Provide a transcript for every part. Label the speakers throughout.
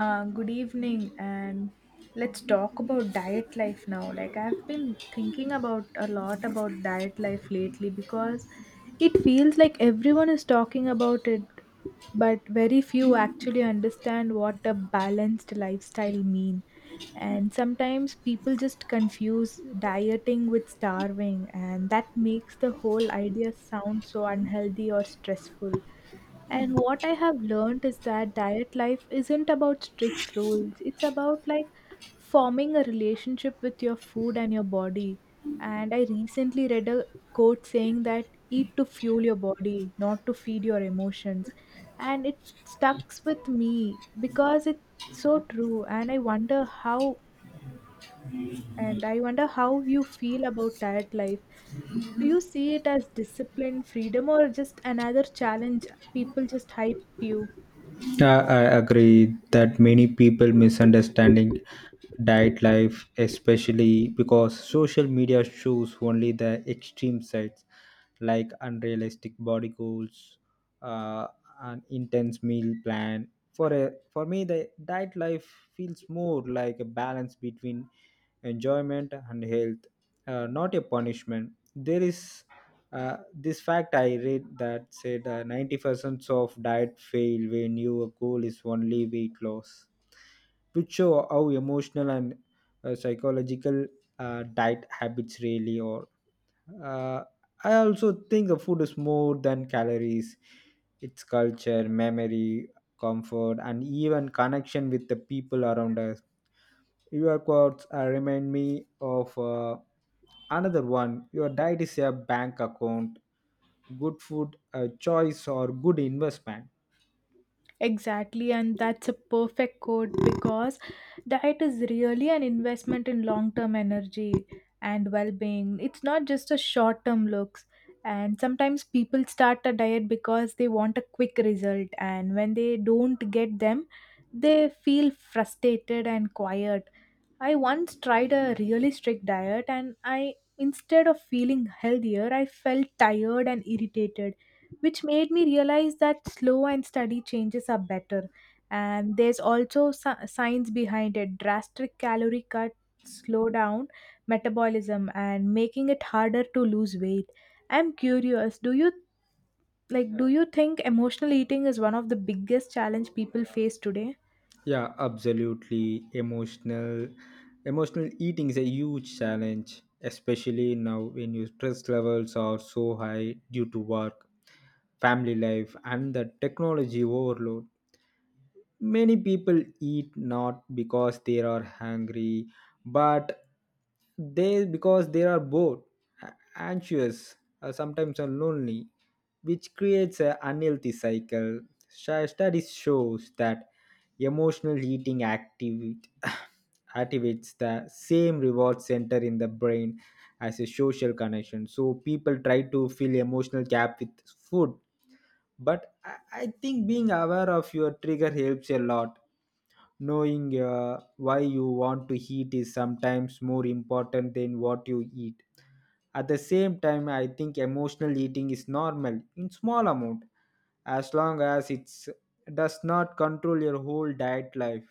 Speaker 1: Good evening, and let's talk about diet life now. I've been thinking about a lot about diet life lately because it feels like everyone is talking about it, but very few actually understand what a balanced lifestyle mean. And sometimes people just confuse dieting with starving, and that makes the whole idea sound so unhealthy or stressful. And what I have learned is that diet life isn't about strict rules. It's about forming a relationship with your food and your body. And I recently read a quote saying that eat to fuel your body, not to feed your emotions. And it stucks with me because it's so true. And I wonder how you feel about diet life. Do you see it as discipline, freedom, or just another challenge? People just hype you.
Speaker 2: Yeah, I agree that many people misunderstanding diet life, especially because social media shows only the extreme sides, like unrealistic body goals, uh, an intense meal plan. For me, the diet life feels more like a balance between enjoyment and health, not a punishment. There is this fact I read that said 90% of diet fail when your goal is only weight loss, which show how emotional and psychological diet habits really are. Uh, I also think the food is more than calories. It's culture, memory, comfort, and even connection with the people around us. Your quotes remind me of another one. Your diet is a bank account. Good food, a choice, or good investment.
Speaker 1: Exactly, and that's a perfect quote because diet is really an investment in long term energy and well being. It's not just a short term looks. And sometimes people start a diet because they want a quick result, and when they don't get them, they feel frustrated and quiet. I once tried a really strict diet and I instead of feeling healthier, I felt tired and irritated, which made me realize that slow and steady changes are better. And there's also science behind it. Drastic calorie cuts slow down metabolism and making it harder to lose weight. I'm curious, do you think emotional eating is one of the biggest challenge people face today?
Speaker 2: Yeah, absolutely. Emotional eating is a huge challenge, especially now when your stress levels are so high due to work family life and the technology overload. Many people eat not because they are hungry but they because they are bored, anxious, sometimes are lonely, which creates an unhealthy cycle. Studies shows that emotional eating activates the same reward center in the brain as a social connection, so people try to fill emotional gap with food. But I think being aware of your trigger helps a lot. Knowing why you want to eat is sometimes more important than what you eat. At the same time, I think emotional eating is normal in small amount as long as it does not control your whole diet life.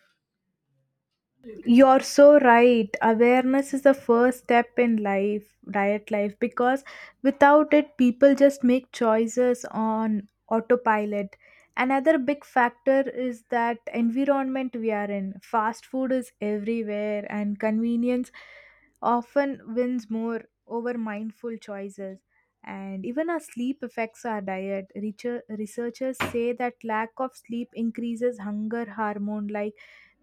Speaker 1: You're so right. Awareness is the first step in life, diet life, because without it, people just make choices on autopilot. Another big factor is that environment we are in. Fast food is everywhere, and convenience often wins more over mindful choices. And even our sleep affects our diet. Researchers say that lack of sleep increases hunger hormone like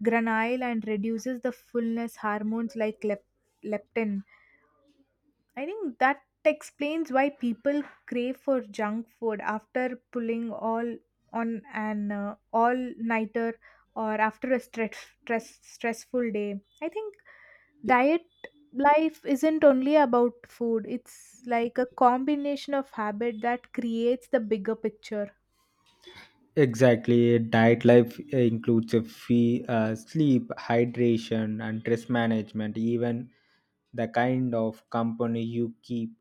Speaker 1: granile and reduces the fullness hormones like leptin. I think that explains why people crave for junk food after pulling all on an all nighter or after a stressful day. I think diet life isn't only about food. It's like a combination of habit that creates the bigger picture.
Speaker 2: Exactly. A diet life includes a sleep, hydration, and stress management, even the kind of company you keep.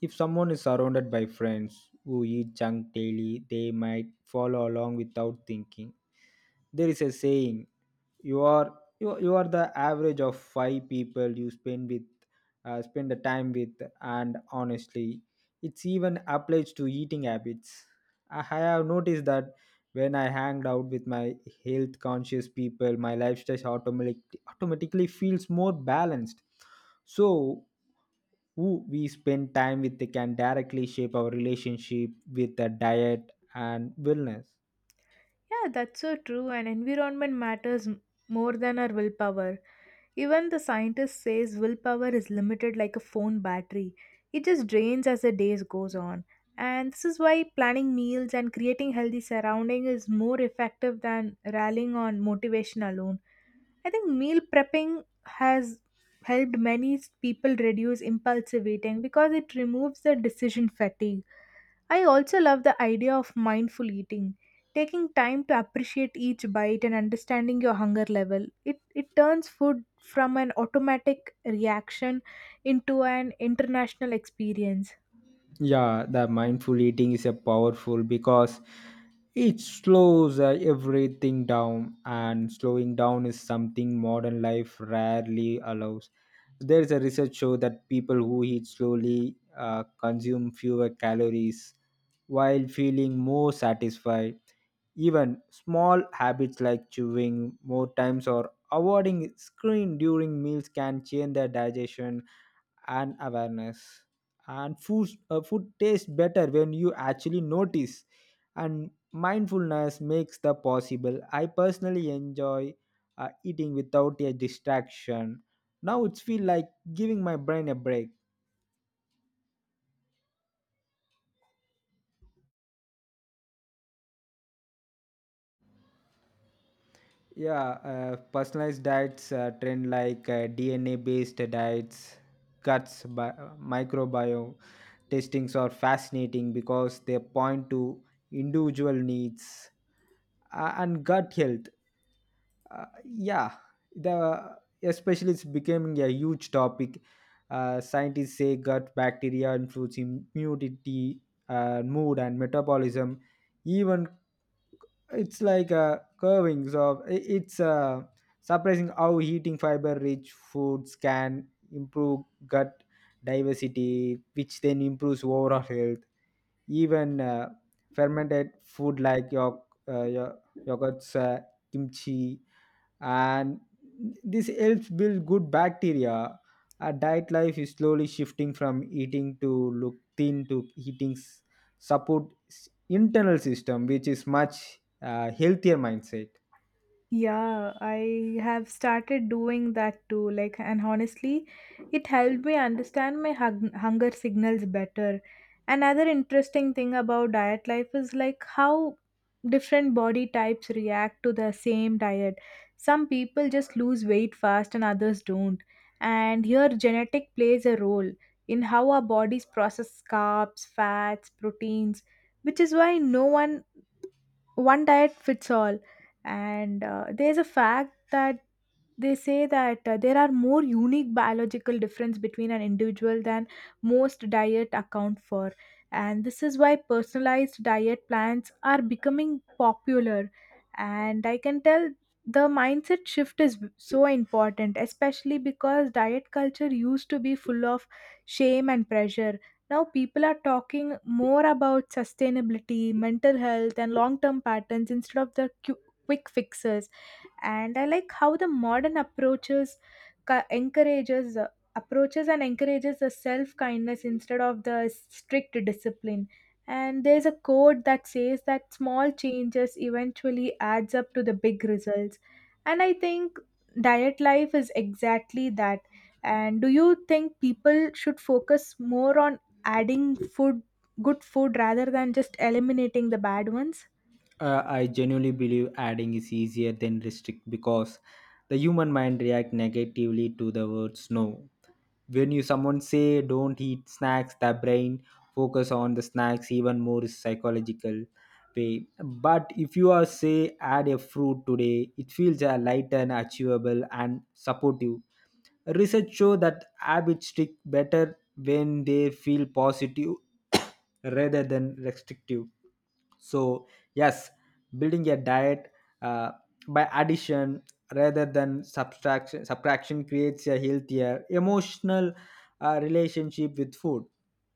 Speaker 2: If someone is surrounded by friends who eat junk daily, they might follow along without thinking. There is a saying, you are the average of five people you spend with, spend the time with. And honestly, it's even applies to eating habits. I have noticed that when I hanged out with my health conscious people, my lifestyle automatically feels more balanced. So who we spend time with can directly shape our relationship with the diet and wellness.
Speaker 1: Yeah, that's so true and environment matters more than our willpower. Even the scientist says willpower is limited like a phone battery. It just drains as the days goes on. And this is why planning meals and creating healthy surrounding is more effective than rallying on motivation alone. I think meal prepping has helped many people reduce impulsive eating because it removes the decision fatigue. I also love the idea of mindful eating. Taking time to appreciate each bite and understanding your hunger level, it turns food from an automatic reaction into an international experience.
Speaker 2: Yeah, the mindful eating is a powerful because it slows everything down, and slowing down is something modern life rarely allows. There is a research show that people who eat slowly consume fewer calories while feeling more satisfied. Even small habits like chewing more times or avoiding screen during meals can change their digestion and awareness, and food tastes better when you actually notice, and mindfulness makes the possible. I personally enjoy eating without a distraction. Now it's feel like giving my brain a break. Yeah, personalized diets trend like DNA based diets, cuts, microbiome testings are fascinating because they point to individual needs and gut health. Uh, yeah, the especially it's becoming a huge topic. Scientists say gut bacteria influence immunity, mood, and metabolism, even it's like curvings of I- it's surprising how eating fiber rich foods can improve gut diversity, which then improves overall health. Even fermented food like your yogurts, kimchi, and this helps build good bacteria. Our diet life is slowly shifting from eating to look thin to eating support internal system, which is much healthier mindset.
Speaker 1: Yeah, I have started doing that too. And honestly, it helped me understand my hunger signals better. Another interesting thing about diet life is like how different body types react to the same diet. Some people just lose weight fast and others don't. And here, genetic plays a role in how our bodies process carbs, fats, proteins, which is why no one diet fits all, and there's a fact that they say that there are more unique biological difference between an individual than most diet account for, and this is why personalized diet plans are becoming popular. And I can tell the mindset shift is so important, especially because diet culture used to be full of shame and pressure. Now, people are talking more about sustainability, mental health, and long term patterns instead of the quick fixes. And I like how the modern approaches co- encourages approaches and encourages the self kindness instead of the strict discipline. And there's a quote that says that small changes eventually adds up to the big results. And I think diet life is exactly that. And do you think people should focus more on adding food good food rather than just eliminating the bad ones?
Speaker 2: I genuinely believe adding is easier than restrict because the human mind react negatively to the words no. When you someone say don't eat snacks, the brain focus on the snacks even more psychological way. But if you are say add a fruit today, it feels a light and achievable and supportive. Research show that habits stick better when they feel positive rather than restrictive. So yes, building a diet uh, by addition rather than subtraction creates a healthier emotional relationship with food.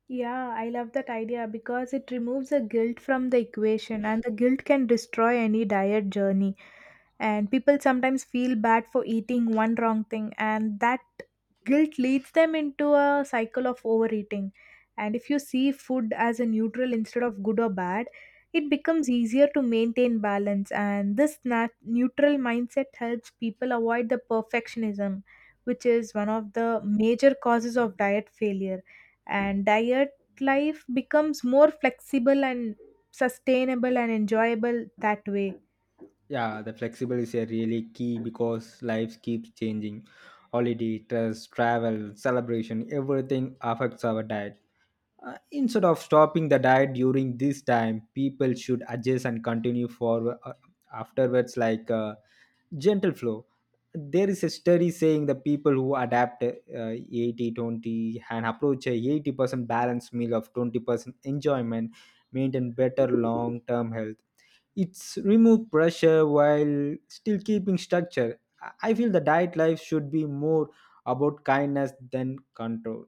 Speaker 1: Yeah, I love that idea because it removes the guilt from the equation, and the guilt can destroy any diet journey. And people sometimes feel bad for eating one wrong thing, and that guilt leads them into a cycle of overeating. And if you see food as a neutral instead of good or bad, it becomes easier to maintain balance. And this neutral mindset helps people avoid the perfectionism, which is one of the major causes of diet failure. And diet life becomes more flexible and sustainable and enjoyable that way.
Speaker 2: Yeah, the flexible is a really key because life keeps changing. Holiday, trust, travel, celebration, everything affects our diet. Instead of stopping the diet during this time, people should adjust and continue forward afterwards, like gentle flow. There is a study saying the people who adapt 80 20 and approach a 80% balanced meal of 20% enjoyment maintain better long term health. It's remove pressure while still keeping structure. I feel the diet life should be more about kindness than control.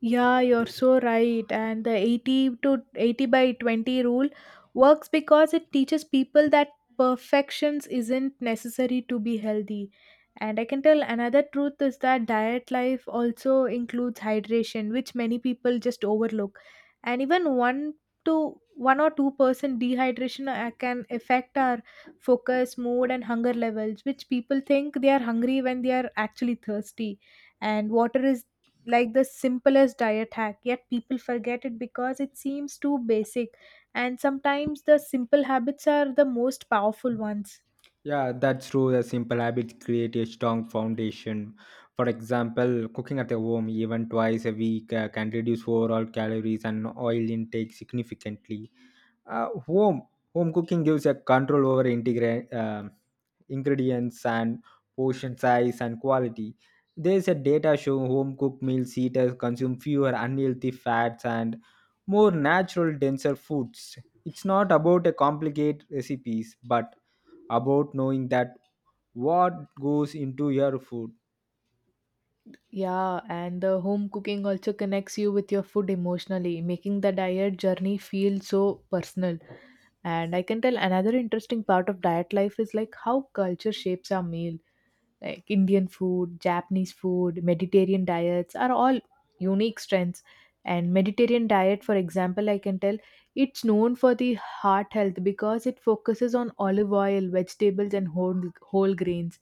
Speaker 1: Yeah, you're so right. And the 80 by 20 rule works because it teaches people that perfections isn't necessary to be healthy. And I can tell another truth is that diet life also includes hydration, which many people just overlook. And even 1 to 1 or 2 percent dehydration can affect our focus, mood, and hunger levels, which people think they are hungry when they are actually thirsty. And water is like the simplest diet hack, yet people forget it because it seems too basic. And sometimes the simple habits are the most powerful ones.
Speaker 2: Yeah, that's true. The simple habits create a strong foundation. For example, cooking at home even twice a week can reduce overall calories and oil intake significantly. Uh, home Home cooking gives a control over ingredients and portion size and quality. There's a data show home cooked meals eaters consume fewer unhealthy fats and more natural denser foods. It's not about a complicated recipes, but about knowing that what goes into your food.
Speaker 1: Yeah, and the home cooking also connects you with your food emotionally, making the diet journey feel so personal. And I can tell another interesting part of diet life is like how culture shapes our meal. Like Indian food, Japanese food, Mediterranean diets are all unique strengths. And Mediterranean diet, for example, I can tell it's known for the heart health because it focuses on olive oil, vegetables, and whole grains.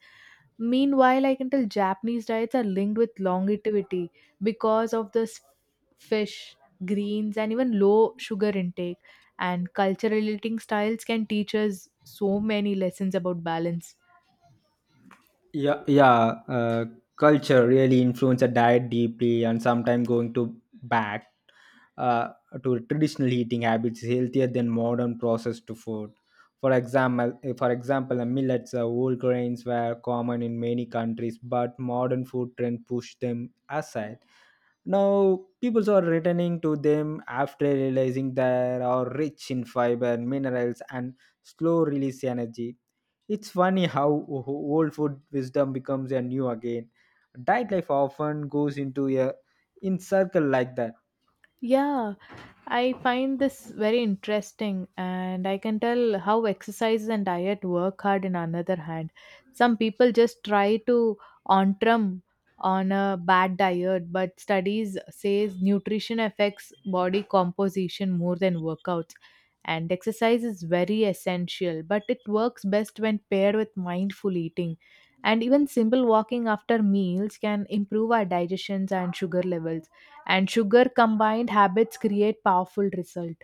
Speaker 1: Meanwhile, I can tell Japanese diets are linked with longevity because of the fish, greens, and even low sugar intake. And cultural eating styles can teach us so many lessons about balance.
Speaker 2: yeah yeah uh, Culture really influence a diet deeply, and sometimes going to back uh, to traditional eating habits is healthier than modern processed food. For example, the millets, whole grains were common in many countries but modern food trend pushed them aside. Now people are returning to them after realizing they are rich in fiber minerals and slow release energy. It's funny how old food wisdom becomes a new again. Diet life often goes into a in circle like that.
Speaker 1: Yeah, I find this very interesting, and I can tell how exercise and diet work hard in another hand. Some people just try to ontrum on a bad diet, but studies says nutrition affects body composition more than workouts. And exercise is very essential, but it works best when paired with mindful eating. And even simple walking after meals can improve our digestions and sugar levels, and sugar combined habits create powerful result.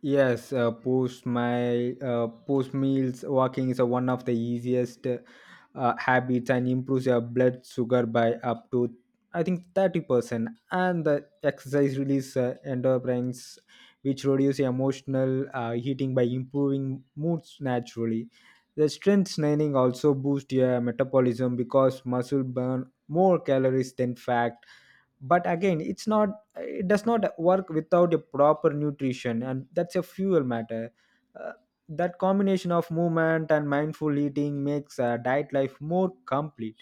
Speaker 2: Yes, post meals walking is one of the easiest habits and improves your blood sugar by up to I think 30%. And the exercise release endorphins, which reduce emotional heating by improving moods naturally. The strength training also boosts your metabolism because muscle burn more calories than fat. But again, it does not work without a proper nutrition, and that's a fuel matter. Uh, that combination of movement and mindful eating makes a diet life more complete.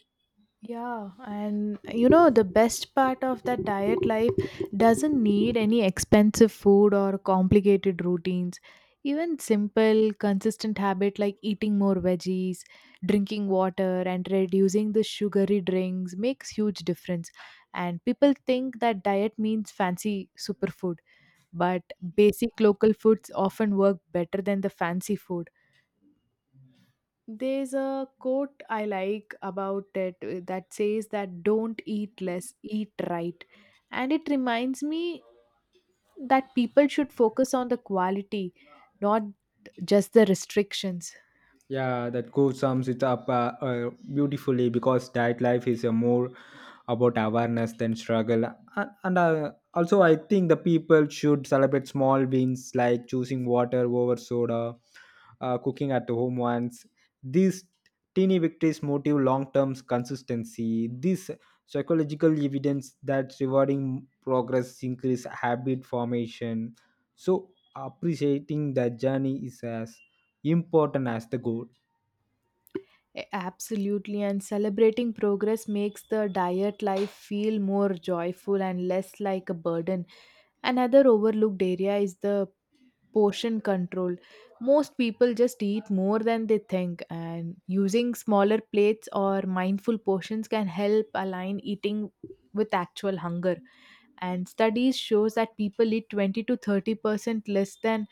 Speaker 1: Yeah, and you know, the best part of that diet life doesn't need any expensive food or complicated routines. Even simple, consistent habit like eating more veggies, drinking water, and reducing the sugary drinks makes huge difference. And people think that diet means fancy superfood, but basic local foods often work better than the fancy food. There's a quote I like about it that says that don't eat less, eat right. And it reminds me that people should focus on the quality, not just the restrictions.
Speaker 2: Yeah, that course sums it up beautifully because diet life is more about awareness than struggle. And Also, I think the people should celebrate small wins like choosing water over soda, cooking at home once. These teeny victories motive long term consistency. This psychological evidence that rewarding progress increase habit formation. So appreciating the journey is as important as the goal.
Speaker 1: Absolutely. And celebrating progress makes the diet life feel more joyful and less like a burden. Another overlooked area is the portion control. Most people just eat more than they think, and using smaller plates or mindful portions can help align eating with actual hunger. And studies shows that people eat 20 to 30% less than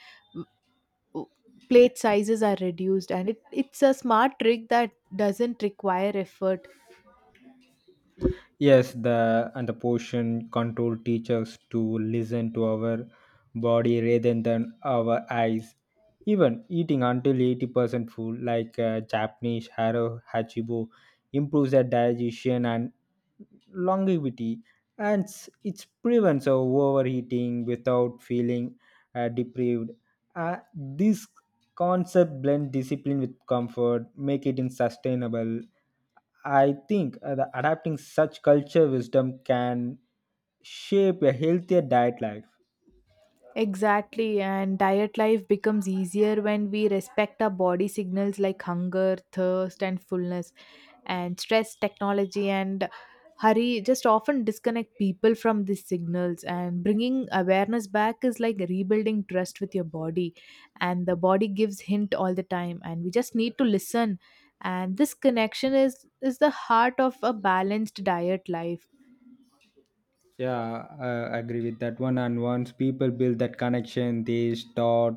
Speaker 1: plate sizes are reduced, and it's a smart trick that doesn't require effort.
Speaker 2: Yes, the and the portion control teaches to listen to our body rather than our eyes. Even eating until 80% full, like Japanese haro hachibo, improves the digestion and longevity, and it prevents overeating without feeling deprived. This concept blend discipline with comfort make it in sustainable. I think the adapting such culture wisdom can shape a healthier diet life.
Speaker 1: Exactly, and diet life becomes easier when we respect our body signals like hunger, thirst, and fullness, and stress, technology, and hurry just often disconnect people from these signals. And bringing awareness back is like rebuilding trust with your body, and the body gives hint all the time, and we just need to listen. And this connection is the heart of a balanced diet life.
Speaker 2: Yeah, I agree with that one, and once people build that connection, they start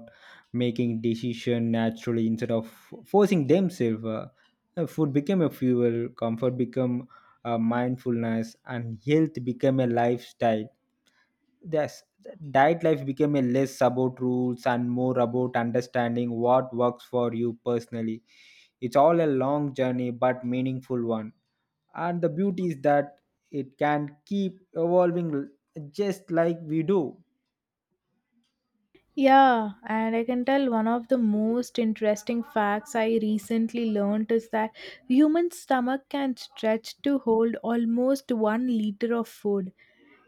Speaker 2: making decision naturally instead of forcing themselves. Food became a fuel, comfort become a mindfulness, and health become a lifestyle. Yes, diet life became a less about rules and more about understanding what works for you personally. It's all a long journey but meaningful one. And the beauty is that it can keep evolving, just like we do.
Speaker 1: Yeah, and I can tell one of the most interesting facts I recently learned is that human stomach can stretch to hold almost 1 liter of food.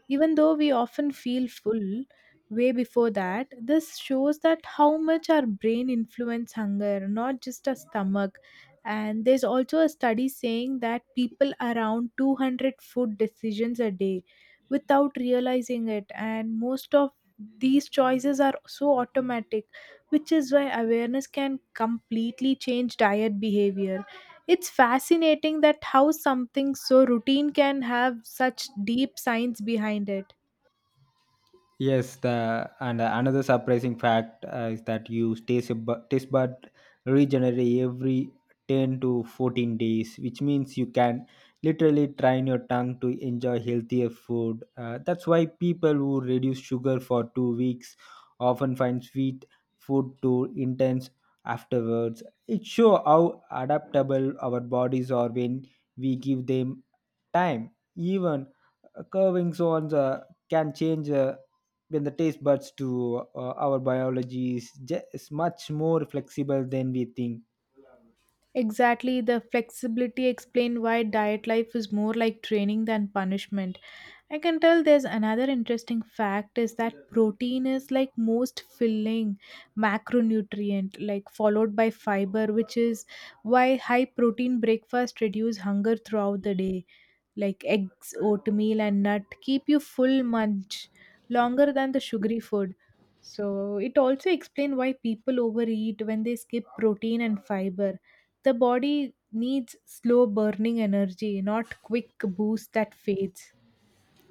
Speaker 1: Even though we often feel full way before that, this shows that how much our brain influence hunger, not just our stomach. And there's also a study saying that people around 200 food decisions a day without realizing it, and most of these choices are so automatic, which is why awareness can completely change diet behavior. It's fascinating that how something so routine can have such deep science behind it.
Speaker 2: Yes, the and another surprising fact is that taste bud regenerate every 10 to 14 days, which means you can literally train your tongue to enjoy healthier food. That's why people who reduce sugar for 2 weeks often find sweet food too intense afterwards. It shows how adaptable our bodies are when we give them time. Even curving zones can change. When the taste buds to our biology is much more flexible than we think.
Speaker 1: Exactly, the flexibility explain why diet life is more like training than punishment. I can tell there's another interesting fact is that protein is like most filling macronutrient like followed by fiber, which is why high protein breakfast reduce hunger throughout the day. Like eggs, oatmeal and nut keep you full munch longer than the sugary food. So it also explain why people overeat when they skip protein and fiber. The body needs slow burning energy, not quick boost that fades.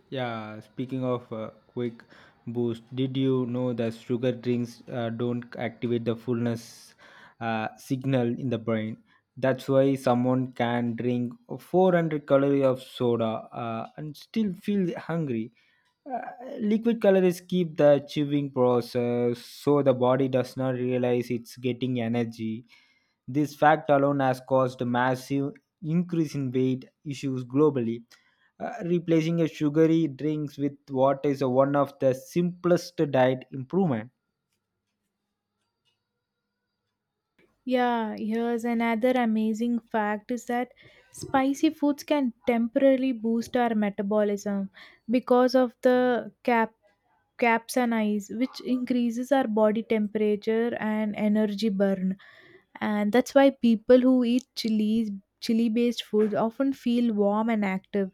Speaker 2: Yeah, speaking of quick boost, did you know that sugar drinks don't activate the fullness signal in the brain? That's why someone can drink 400 calorie of soda and still feel hungry. Uh, Liquid calories keep the chewing process, so the body does not realize it's getting energy. This fact alone has caused a massive increase in weight issues globally. Replacing a sugary drinks with water is a one of the simplest diet improvement.
Speaker 1: Yeah, here's another amazing fact is that spicy foods can temporarily boost our metabolism because of the capsaicin, which increases our body temperature and energy burn, and that's why people who eat chili based foods often feel warm and active.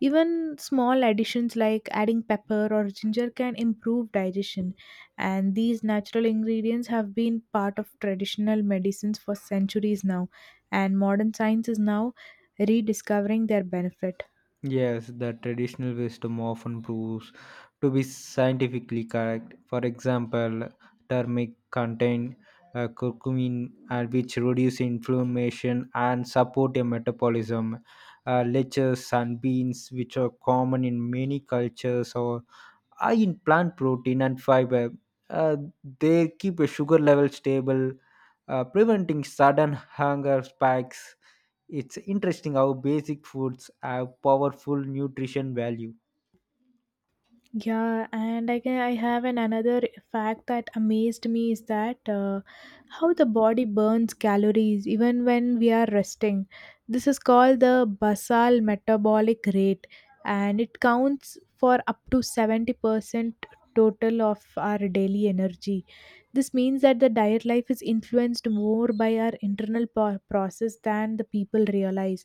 Speaker 1: Even small additions like adding pepper or ginger can improve digestion, and these natural ingredients have been part of traditional medicines for centuries now, and modern science is now rediscovering their benefit.
Speaker 2: Yes, the traditional wisdom often proves to be scientifically correct. For example, turmeric contain curcumin, which reduce inflammation and support a metabolism. Leches, sunbeams, which are common in many cultures, high in plant protein and fiber. Uh, they keep a sugar level stable, preventing sudden hunger spikes. It's interesting how basic foods have powerful nutrition value.
Speaker 1: Yeah, and I have an another fact that amazed me is that how the body burns calories even when we are resting. This is called the basal metabolic rate, and it counts for up to 70% total of our daily energy. This means that the diet life is influenced more by our internal process than the people realize.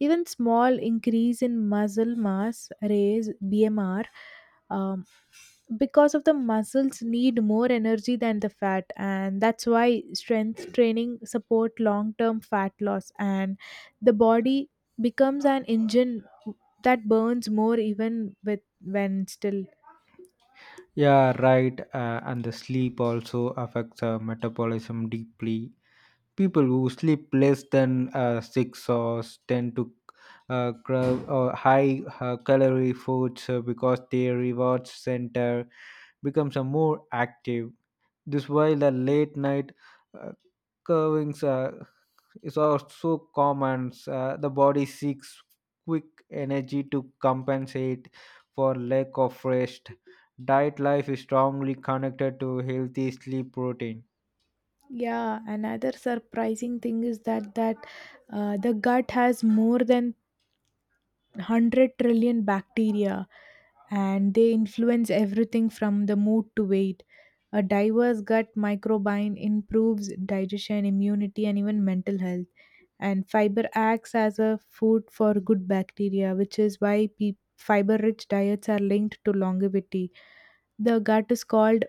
Speaker 1: Even small increase in muscle mass, raise BMR, um, because of the muscles need more energy than the fat, and that's why strength training support long term fat loss and the body becomes an engine that burns more even with when still.
Speaker 2: Yeah, right. And the sleep also affects metabolism deeply. People who sleep less than 6 hours tend to crave high calorie foods because their reward center becomes more active. This while the late night uh, curvings is also common. The body seeks quick energy to compensate for lack of rest. Diet life is strongly connected to healthy sleep routine.
Speaker 1: Yeah, another surprising thing is that the gut has more than 100 trillion bacteria, and they influence everything from the mood to weight. A diverse gut microbiome improves digestion, immunity, and even mental health. And fiber acts as a food for good bacteria, which is why fiber rich diets are linked to longevity. The gut is called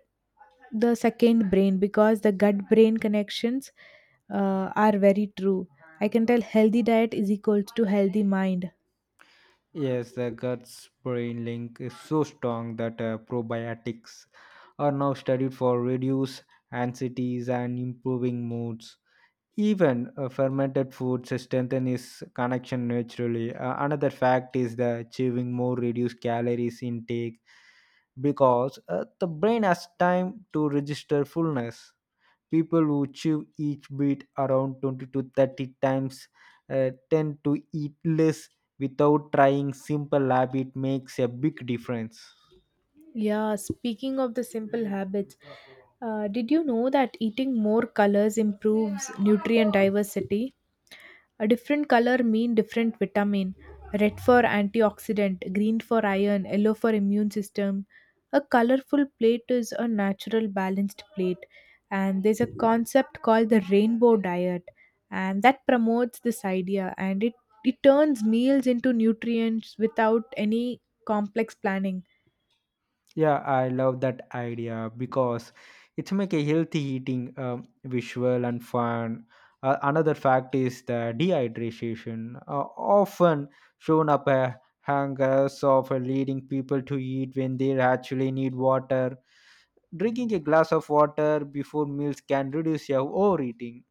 Speaker 1: the second brain because the gut brain connections are very true. I can tell healthy diet is equals to healthy mind.
Speaker 2: Yes, the guts brain link is so strong that probiotics are now studied for reduce anxieties and improving moods. Even fermented foods strengthen his connection naturally. Another fact is that achieving more reduced calories intake because the brain has time to register fullness. People who chew each bit around 20 to 30 times tend to eat less without trying simple habit makes a big difference.
Speaker 1: Yeah, speaking of the simple habits, did you know that eating more colors improves nutrient diversity? A different color mean different vitamin. Red for antioxidant, green for iron, yellow for immune system. A colorful plate is a natural balanced plate, and there's a concept called the rainbow diet, and that promotes this idea, and it turns meals into nutrients without any complex planning.
Speaker 2: Yeah, I love that idea because it's make a healthy eating visual and fun. Another fact is the dehydration, often shown up a hangers of leading people to eat when they actually need water. Drinking a glass of water before meals can reduce your overeating.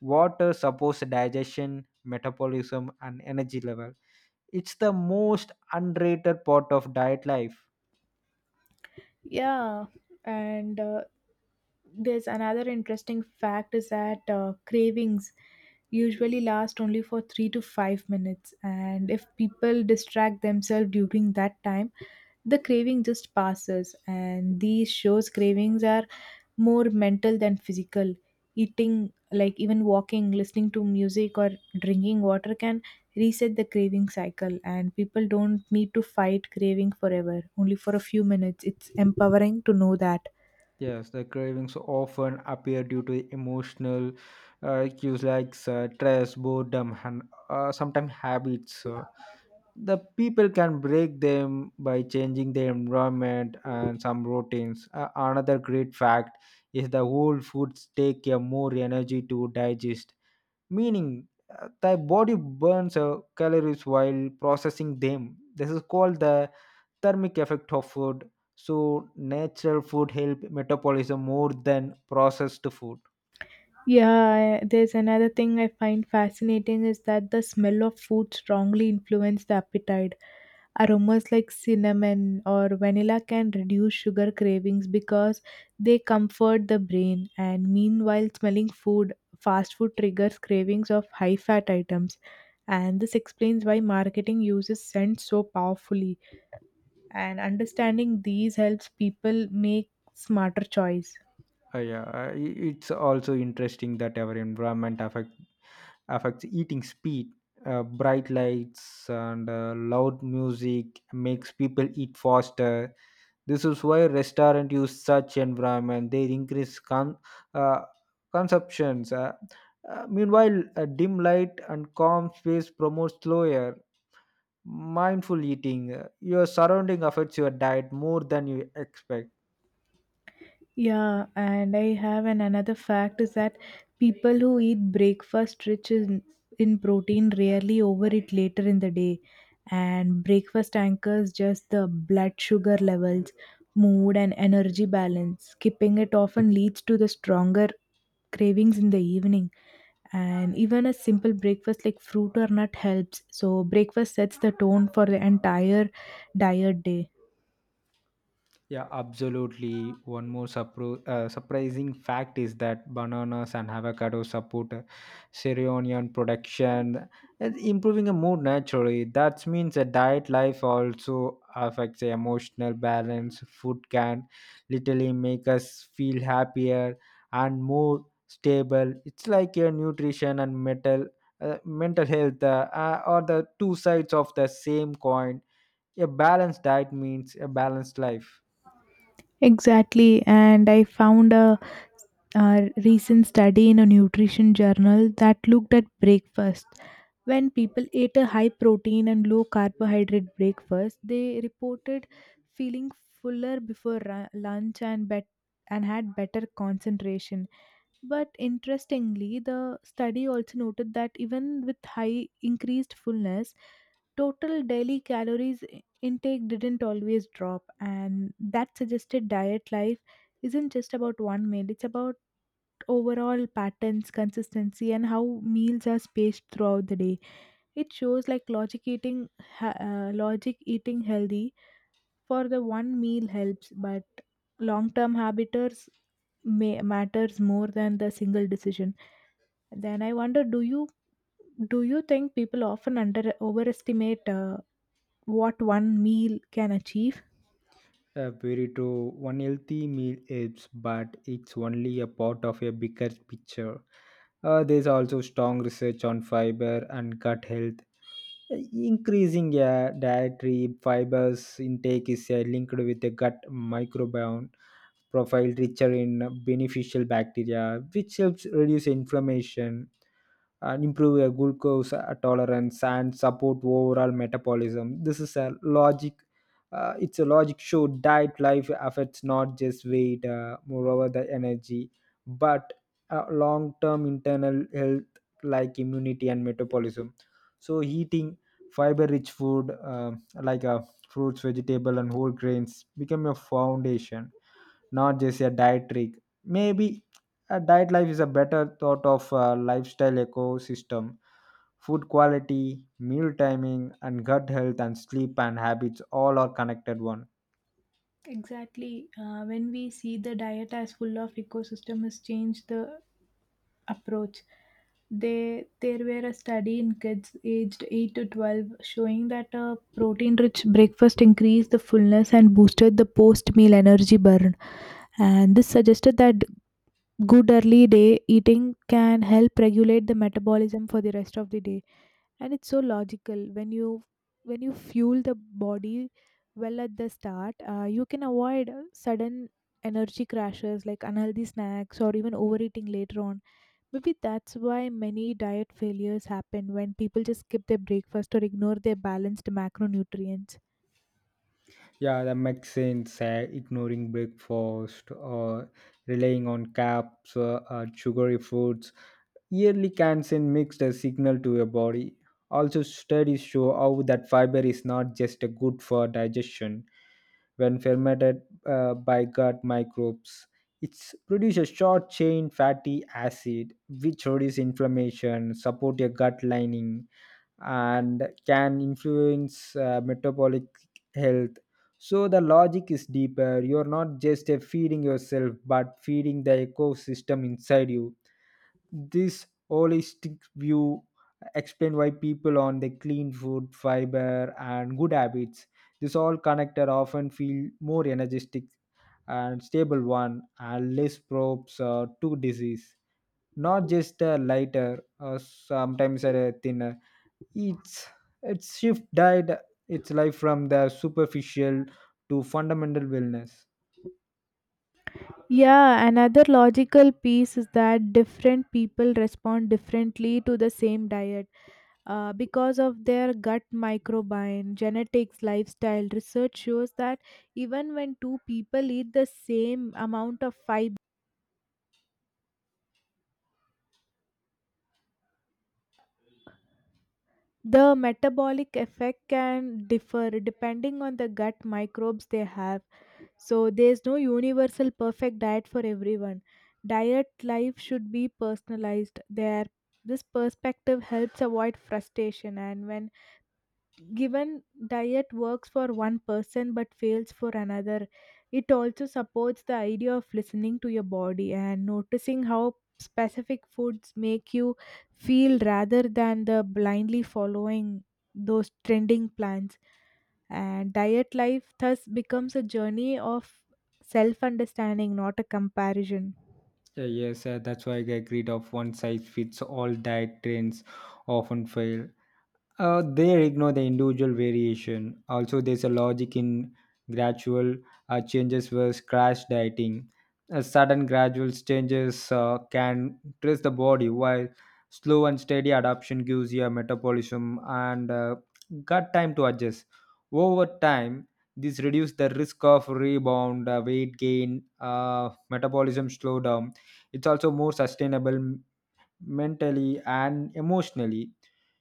Speaker 2: Water supports digestion, metabolism, and energy level. It's the most underrated part of diet life.
Speaker 1: Yeah, and there's another interesting fact is that cravings usually last only for 3 to 5 minutes, and if people distract themselves during that time, the craving just passes. And these shows cravings are more mental than physical. Eating, like even walking, listening to music, or drinking water can reset the craving cycle, and people don't need to fight craving forever, only for a few minutes. It's empowering to know that.
Speaker 2: Yes, the cravings often appear due to emotional cues like stress, boredom, and sometimes habits. The people can break them by changing their environment and some routines. Another great fact is the whole foods take more energy to digest, meaning the body burns calories while processing them. This is called the thermic effect of food, so natural food help metabolism more than processed food.
Speaker 1: Yeah, there's another thing I find fascinating is that the smell of food strongly influence the appetite. Aromas like cinnamon or vanilla can reduce sugar cravings because they comfort the brain, and meanwhile, smelling food, fast food triggers cravings of high fat items. And this explains why marketing uses scent so powerfully, and understanding these helps people make smarter choice.
Speaker 2: It's also interesting that our environment affects eating speed. Bright lights and loud music makes people eat faster. This is why restaurant use such environment. They increase uh, consumptions. Meanwhile, a dim light and calm space promotes slower mindful eating. Your surrounding affects your diet more than you expect.
Speaker 1: Yeah, and I have an another fact is that people who eat breakfast rich in protein rarely overeat later in the day, and breakfast anchors just the blood sugar levels, mood, and energy balance. Skipping it often leads to the stronger cravings in the evening, and even a simple breakfast like fruit or nut helps. So, breakfast sets the tone for the entire diet day.
Speaker 2: Yeah, absolutely. One more surprising fact is that bananas and avocados support seronian production, and improving a mood naturally. That means a diet life also affects the emotional balance. Food can literally make us feel happier and more stable. It's like your nutrition and mental health are the two sides of the same coin. A balanced diet means a balanced life.
Speaker 1: Exactly, and I found recent study in a nutrition journal that looked at breakfast. When people ate a high protein and low carbohydrate breakfast, they reported feeling fuller before lunch and and had better concentration. But interestingly, the study also noted that even with high increased fullness, total daily calories intake didn't always drop, and that suggested diet life isn't just about one meal, it's about overall patterns, consistency, and how meals are spaced throughout the day. It shows like logic eating, logic eating healthy for the one meal helps, but long term habiters may matters more than the single decision. Then I wonder, do you think people often under overestimate what one meal can achieve?
Speaker 2: Very true. One healthy meal is, but it's only a part of a bigger picture. There's also strong research on fiber and gut health. Increasing dietary fibers intake is linked with the gut microbiome profile richer in beneficial bacteria, which helps reduce inflammation and improve your glucose tolerance and support overall metabolism. This is a logic. It's a logic show diet life affects not just weight, moreover the energy, but long-term internal health like immunity and metabolism. So eating fiber-rich food like fruits, vegetable, and whole grains become your foundation, not just a diet trick. Maybe a diet life is a better thought of a lifestyle ecosystem. Food quality, meal timing, and gut health and sleep and habits all are connected one.
Speaker 1: Exactly. When we see the diet as full of ecosystem has changed the approach. They there were a study in kids aged 8 to 12 showing that a protein-rich breakfast increased the fullness and boosted the post-meal energy burn. And this suggested that good early day eating can help regulate the metabolism for the rest of the day, and it's so logical when you fuel the body well at the start. Uh, you can avoid sudden energy crashes like unhealthy snacks or even overeating later on. Maybe that's why many diet failures happen when people just skip their breakfast or ignore their balanced macronutrients.
Speaker 2: Yeah, that makes sense. Ignoring breakfast or relying on carbs, sugary foods, yearly cancer mixed a signal to your body. Also, studies show how that fiber is not just a good for digestion when fermented by gut microbes. It produces short chain fatty acid, which reduces inflammation, support your gut lining, and can influence metabolic health. So the logic is deeper. You're not just feeding yourself, but feeding the ecosystem inside you. This holistic view explains why people on the clean food, fiber, and good habits, this all connected often feel more energetic and stable one and less probes to disease. Not just a lighter or sometimes a thinner. It's it's shift died its life from the superficial to fundamental wellness.
Speaker 1: Yeah, another logical piece is that different people respond differently to the same diet because of their gut microbiome, genetics, lifestyle. Research shows that even when two people eat the same amount of fiber, the metabolic effect can differ depending on the gut microbes they have. So there's no universal perfect diet for everyone. Diet life should be personalized. There this perspective helps avoid frustration, and when given diet works for one person but fails for another, it also supports the idea of listening to your body and noticing how specific foods make you feel rather than the blindly following those trending plans, and diet life thus becomes a journey of self understanding, not a comparison.
Speaker 2: Yeah, yes, that's why I agreed of one size fits all diet trends often fail. They ignore the individual variation. Also, there's a logic in gradual changes versus crash dieting. A sudden gradual changes can stress the body, while slow and steady adaptation gives your metabolism and gut time to adjust. Over time, this reduces the risk of rebound, weight gain, metabolism slowdown. It's also more sustainable mentally and emotionally.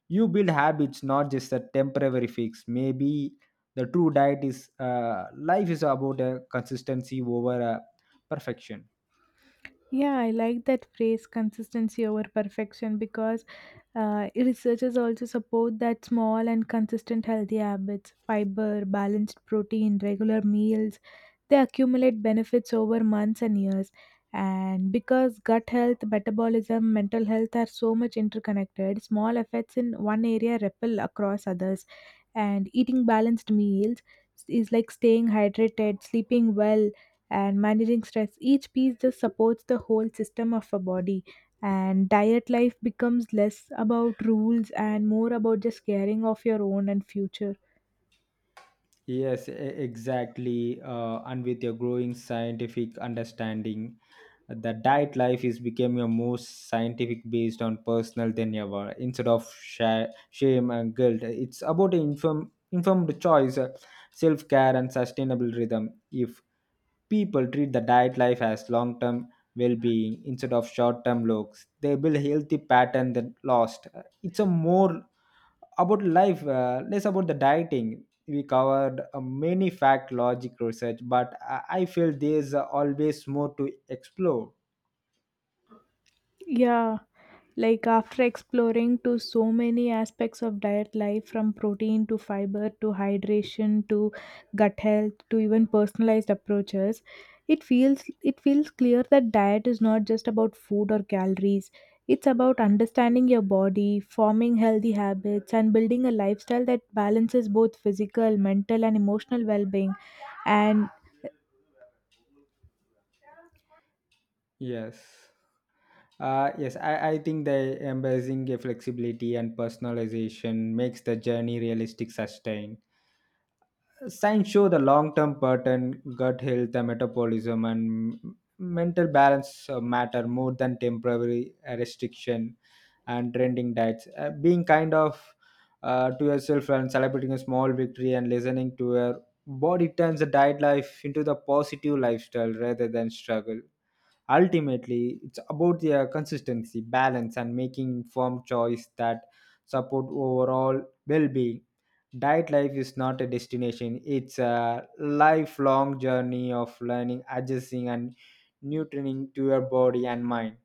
Speaker 2: You build habits, not just a temporary fix. Maybe the true diet is life is about a consistency over a perfection.
Speaker 1: Yeah, I like that phrase consistency over perfection because researchers also support that small and consistent healthy habits, fiber, balanced protein, regular meals, they accumulate benefits over months and years. And because gut health, metabolism, mental health are so much interconnected, small effects in one area ripple across others. And eating balanced meals is like staying hydrated, sleeping well, and managing stress. Each piece just supports the whole system of a body. And diet life becomes less about rules and more about just caring of your own and future.
Speaker 2: Yes e- Exactly, and with your growing scientific understanding the diet life is becoming a more scientific based on personal than ever. Instead of shame and guilt, it's about informed choice, self-care and sustainable rhythm. If people treat the diet life as long-term well-being instead of short-term looks, they build a healthy pattern that lost. It's a more about life, less about the dieting. We covered many fact logic research, but I feel there's always more to explore.
Speaker 1: Yeah, like after exploring to so many aspects of diet life from protein to fiber to hydration to gut health to even personalized approaches, it feels clear that diet is not just about food or calories. It's about understanding your body, forming healthy habits, and building a lifestyle that balances both physical, mental, and emotional well-being. And
Speaker 2: Yes. I think the embracing a flexibility and personalization makes the journey realistic sustain. Science show the long-term pattern, gut health, the metabolism, and mental balance matter more than temporary restriction and trending diets. Being kind of to yourself and celebrating a small victory and listening to your body turns the diet life into the positive lifestyle rather than struggle. Ultimately, it's about the consistency, balance, and making firm choice that support overall well-being. Diet life is not a destination; it's a lifelong journey of learning, adjusting, and nurturing to your body and mind.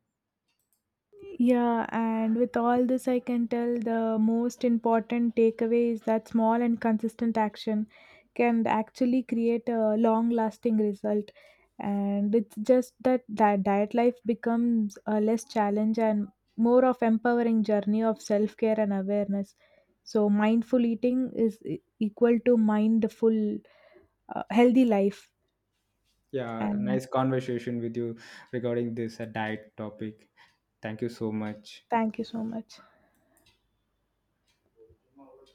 Speaker 1: yeah, and with all this, I can tell the most important takeaway is that small and consistent action can actually create a long lasting result. And it's just that diet life becomes a less challenge and more of empowering journey of self care and awareness. So mindful eating is equal to mindful, healthy life.
Speaker 2: Yeah,
Speaker 1: And
Speaker 2: nice conversation with you regarding this diet topic. Thank you so much.
Speaker 1: thank you so much.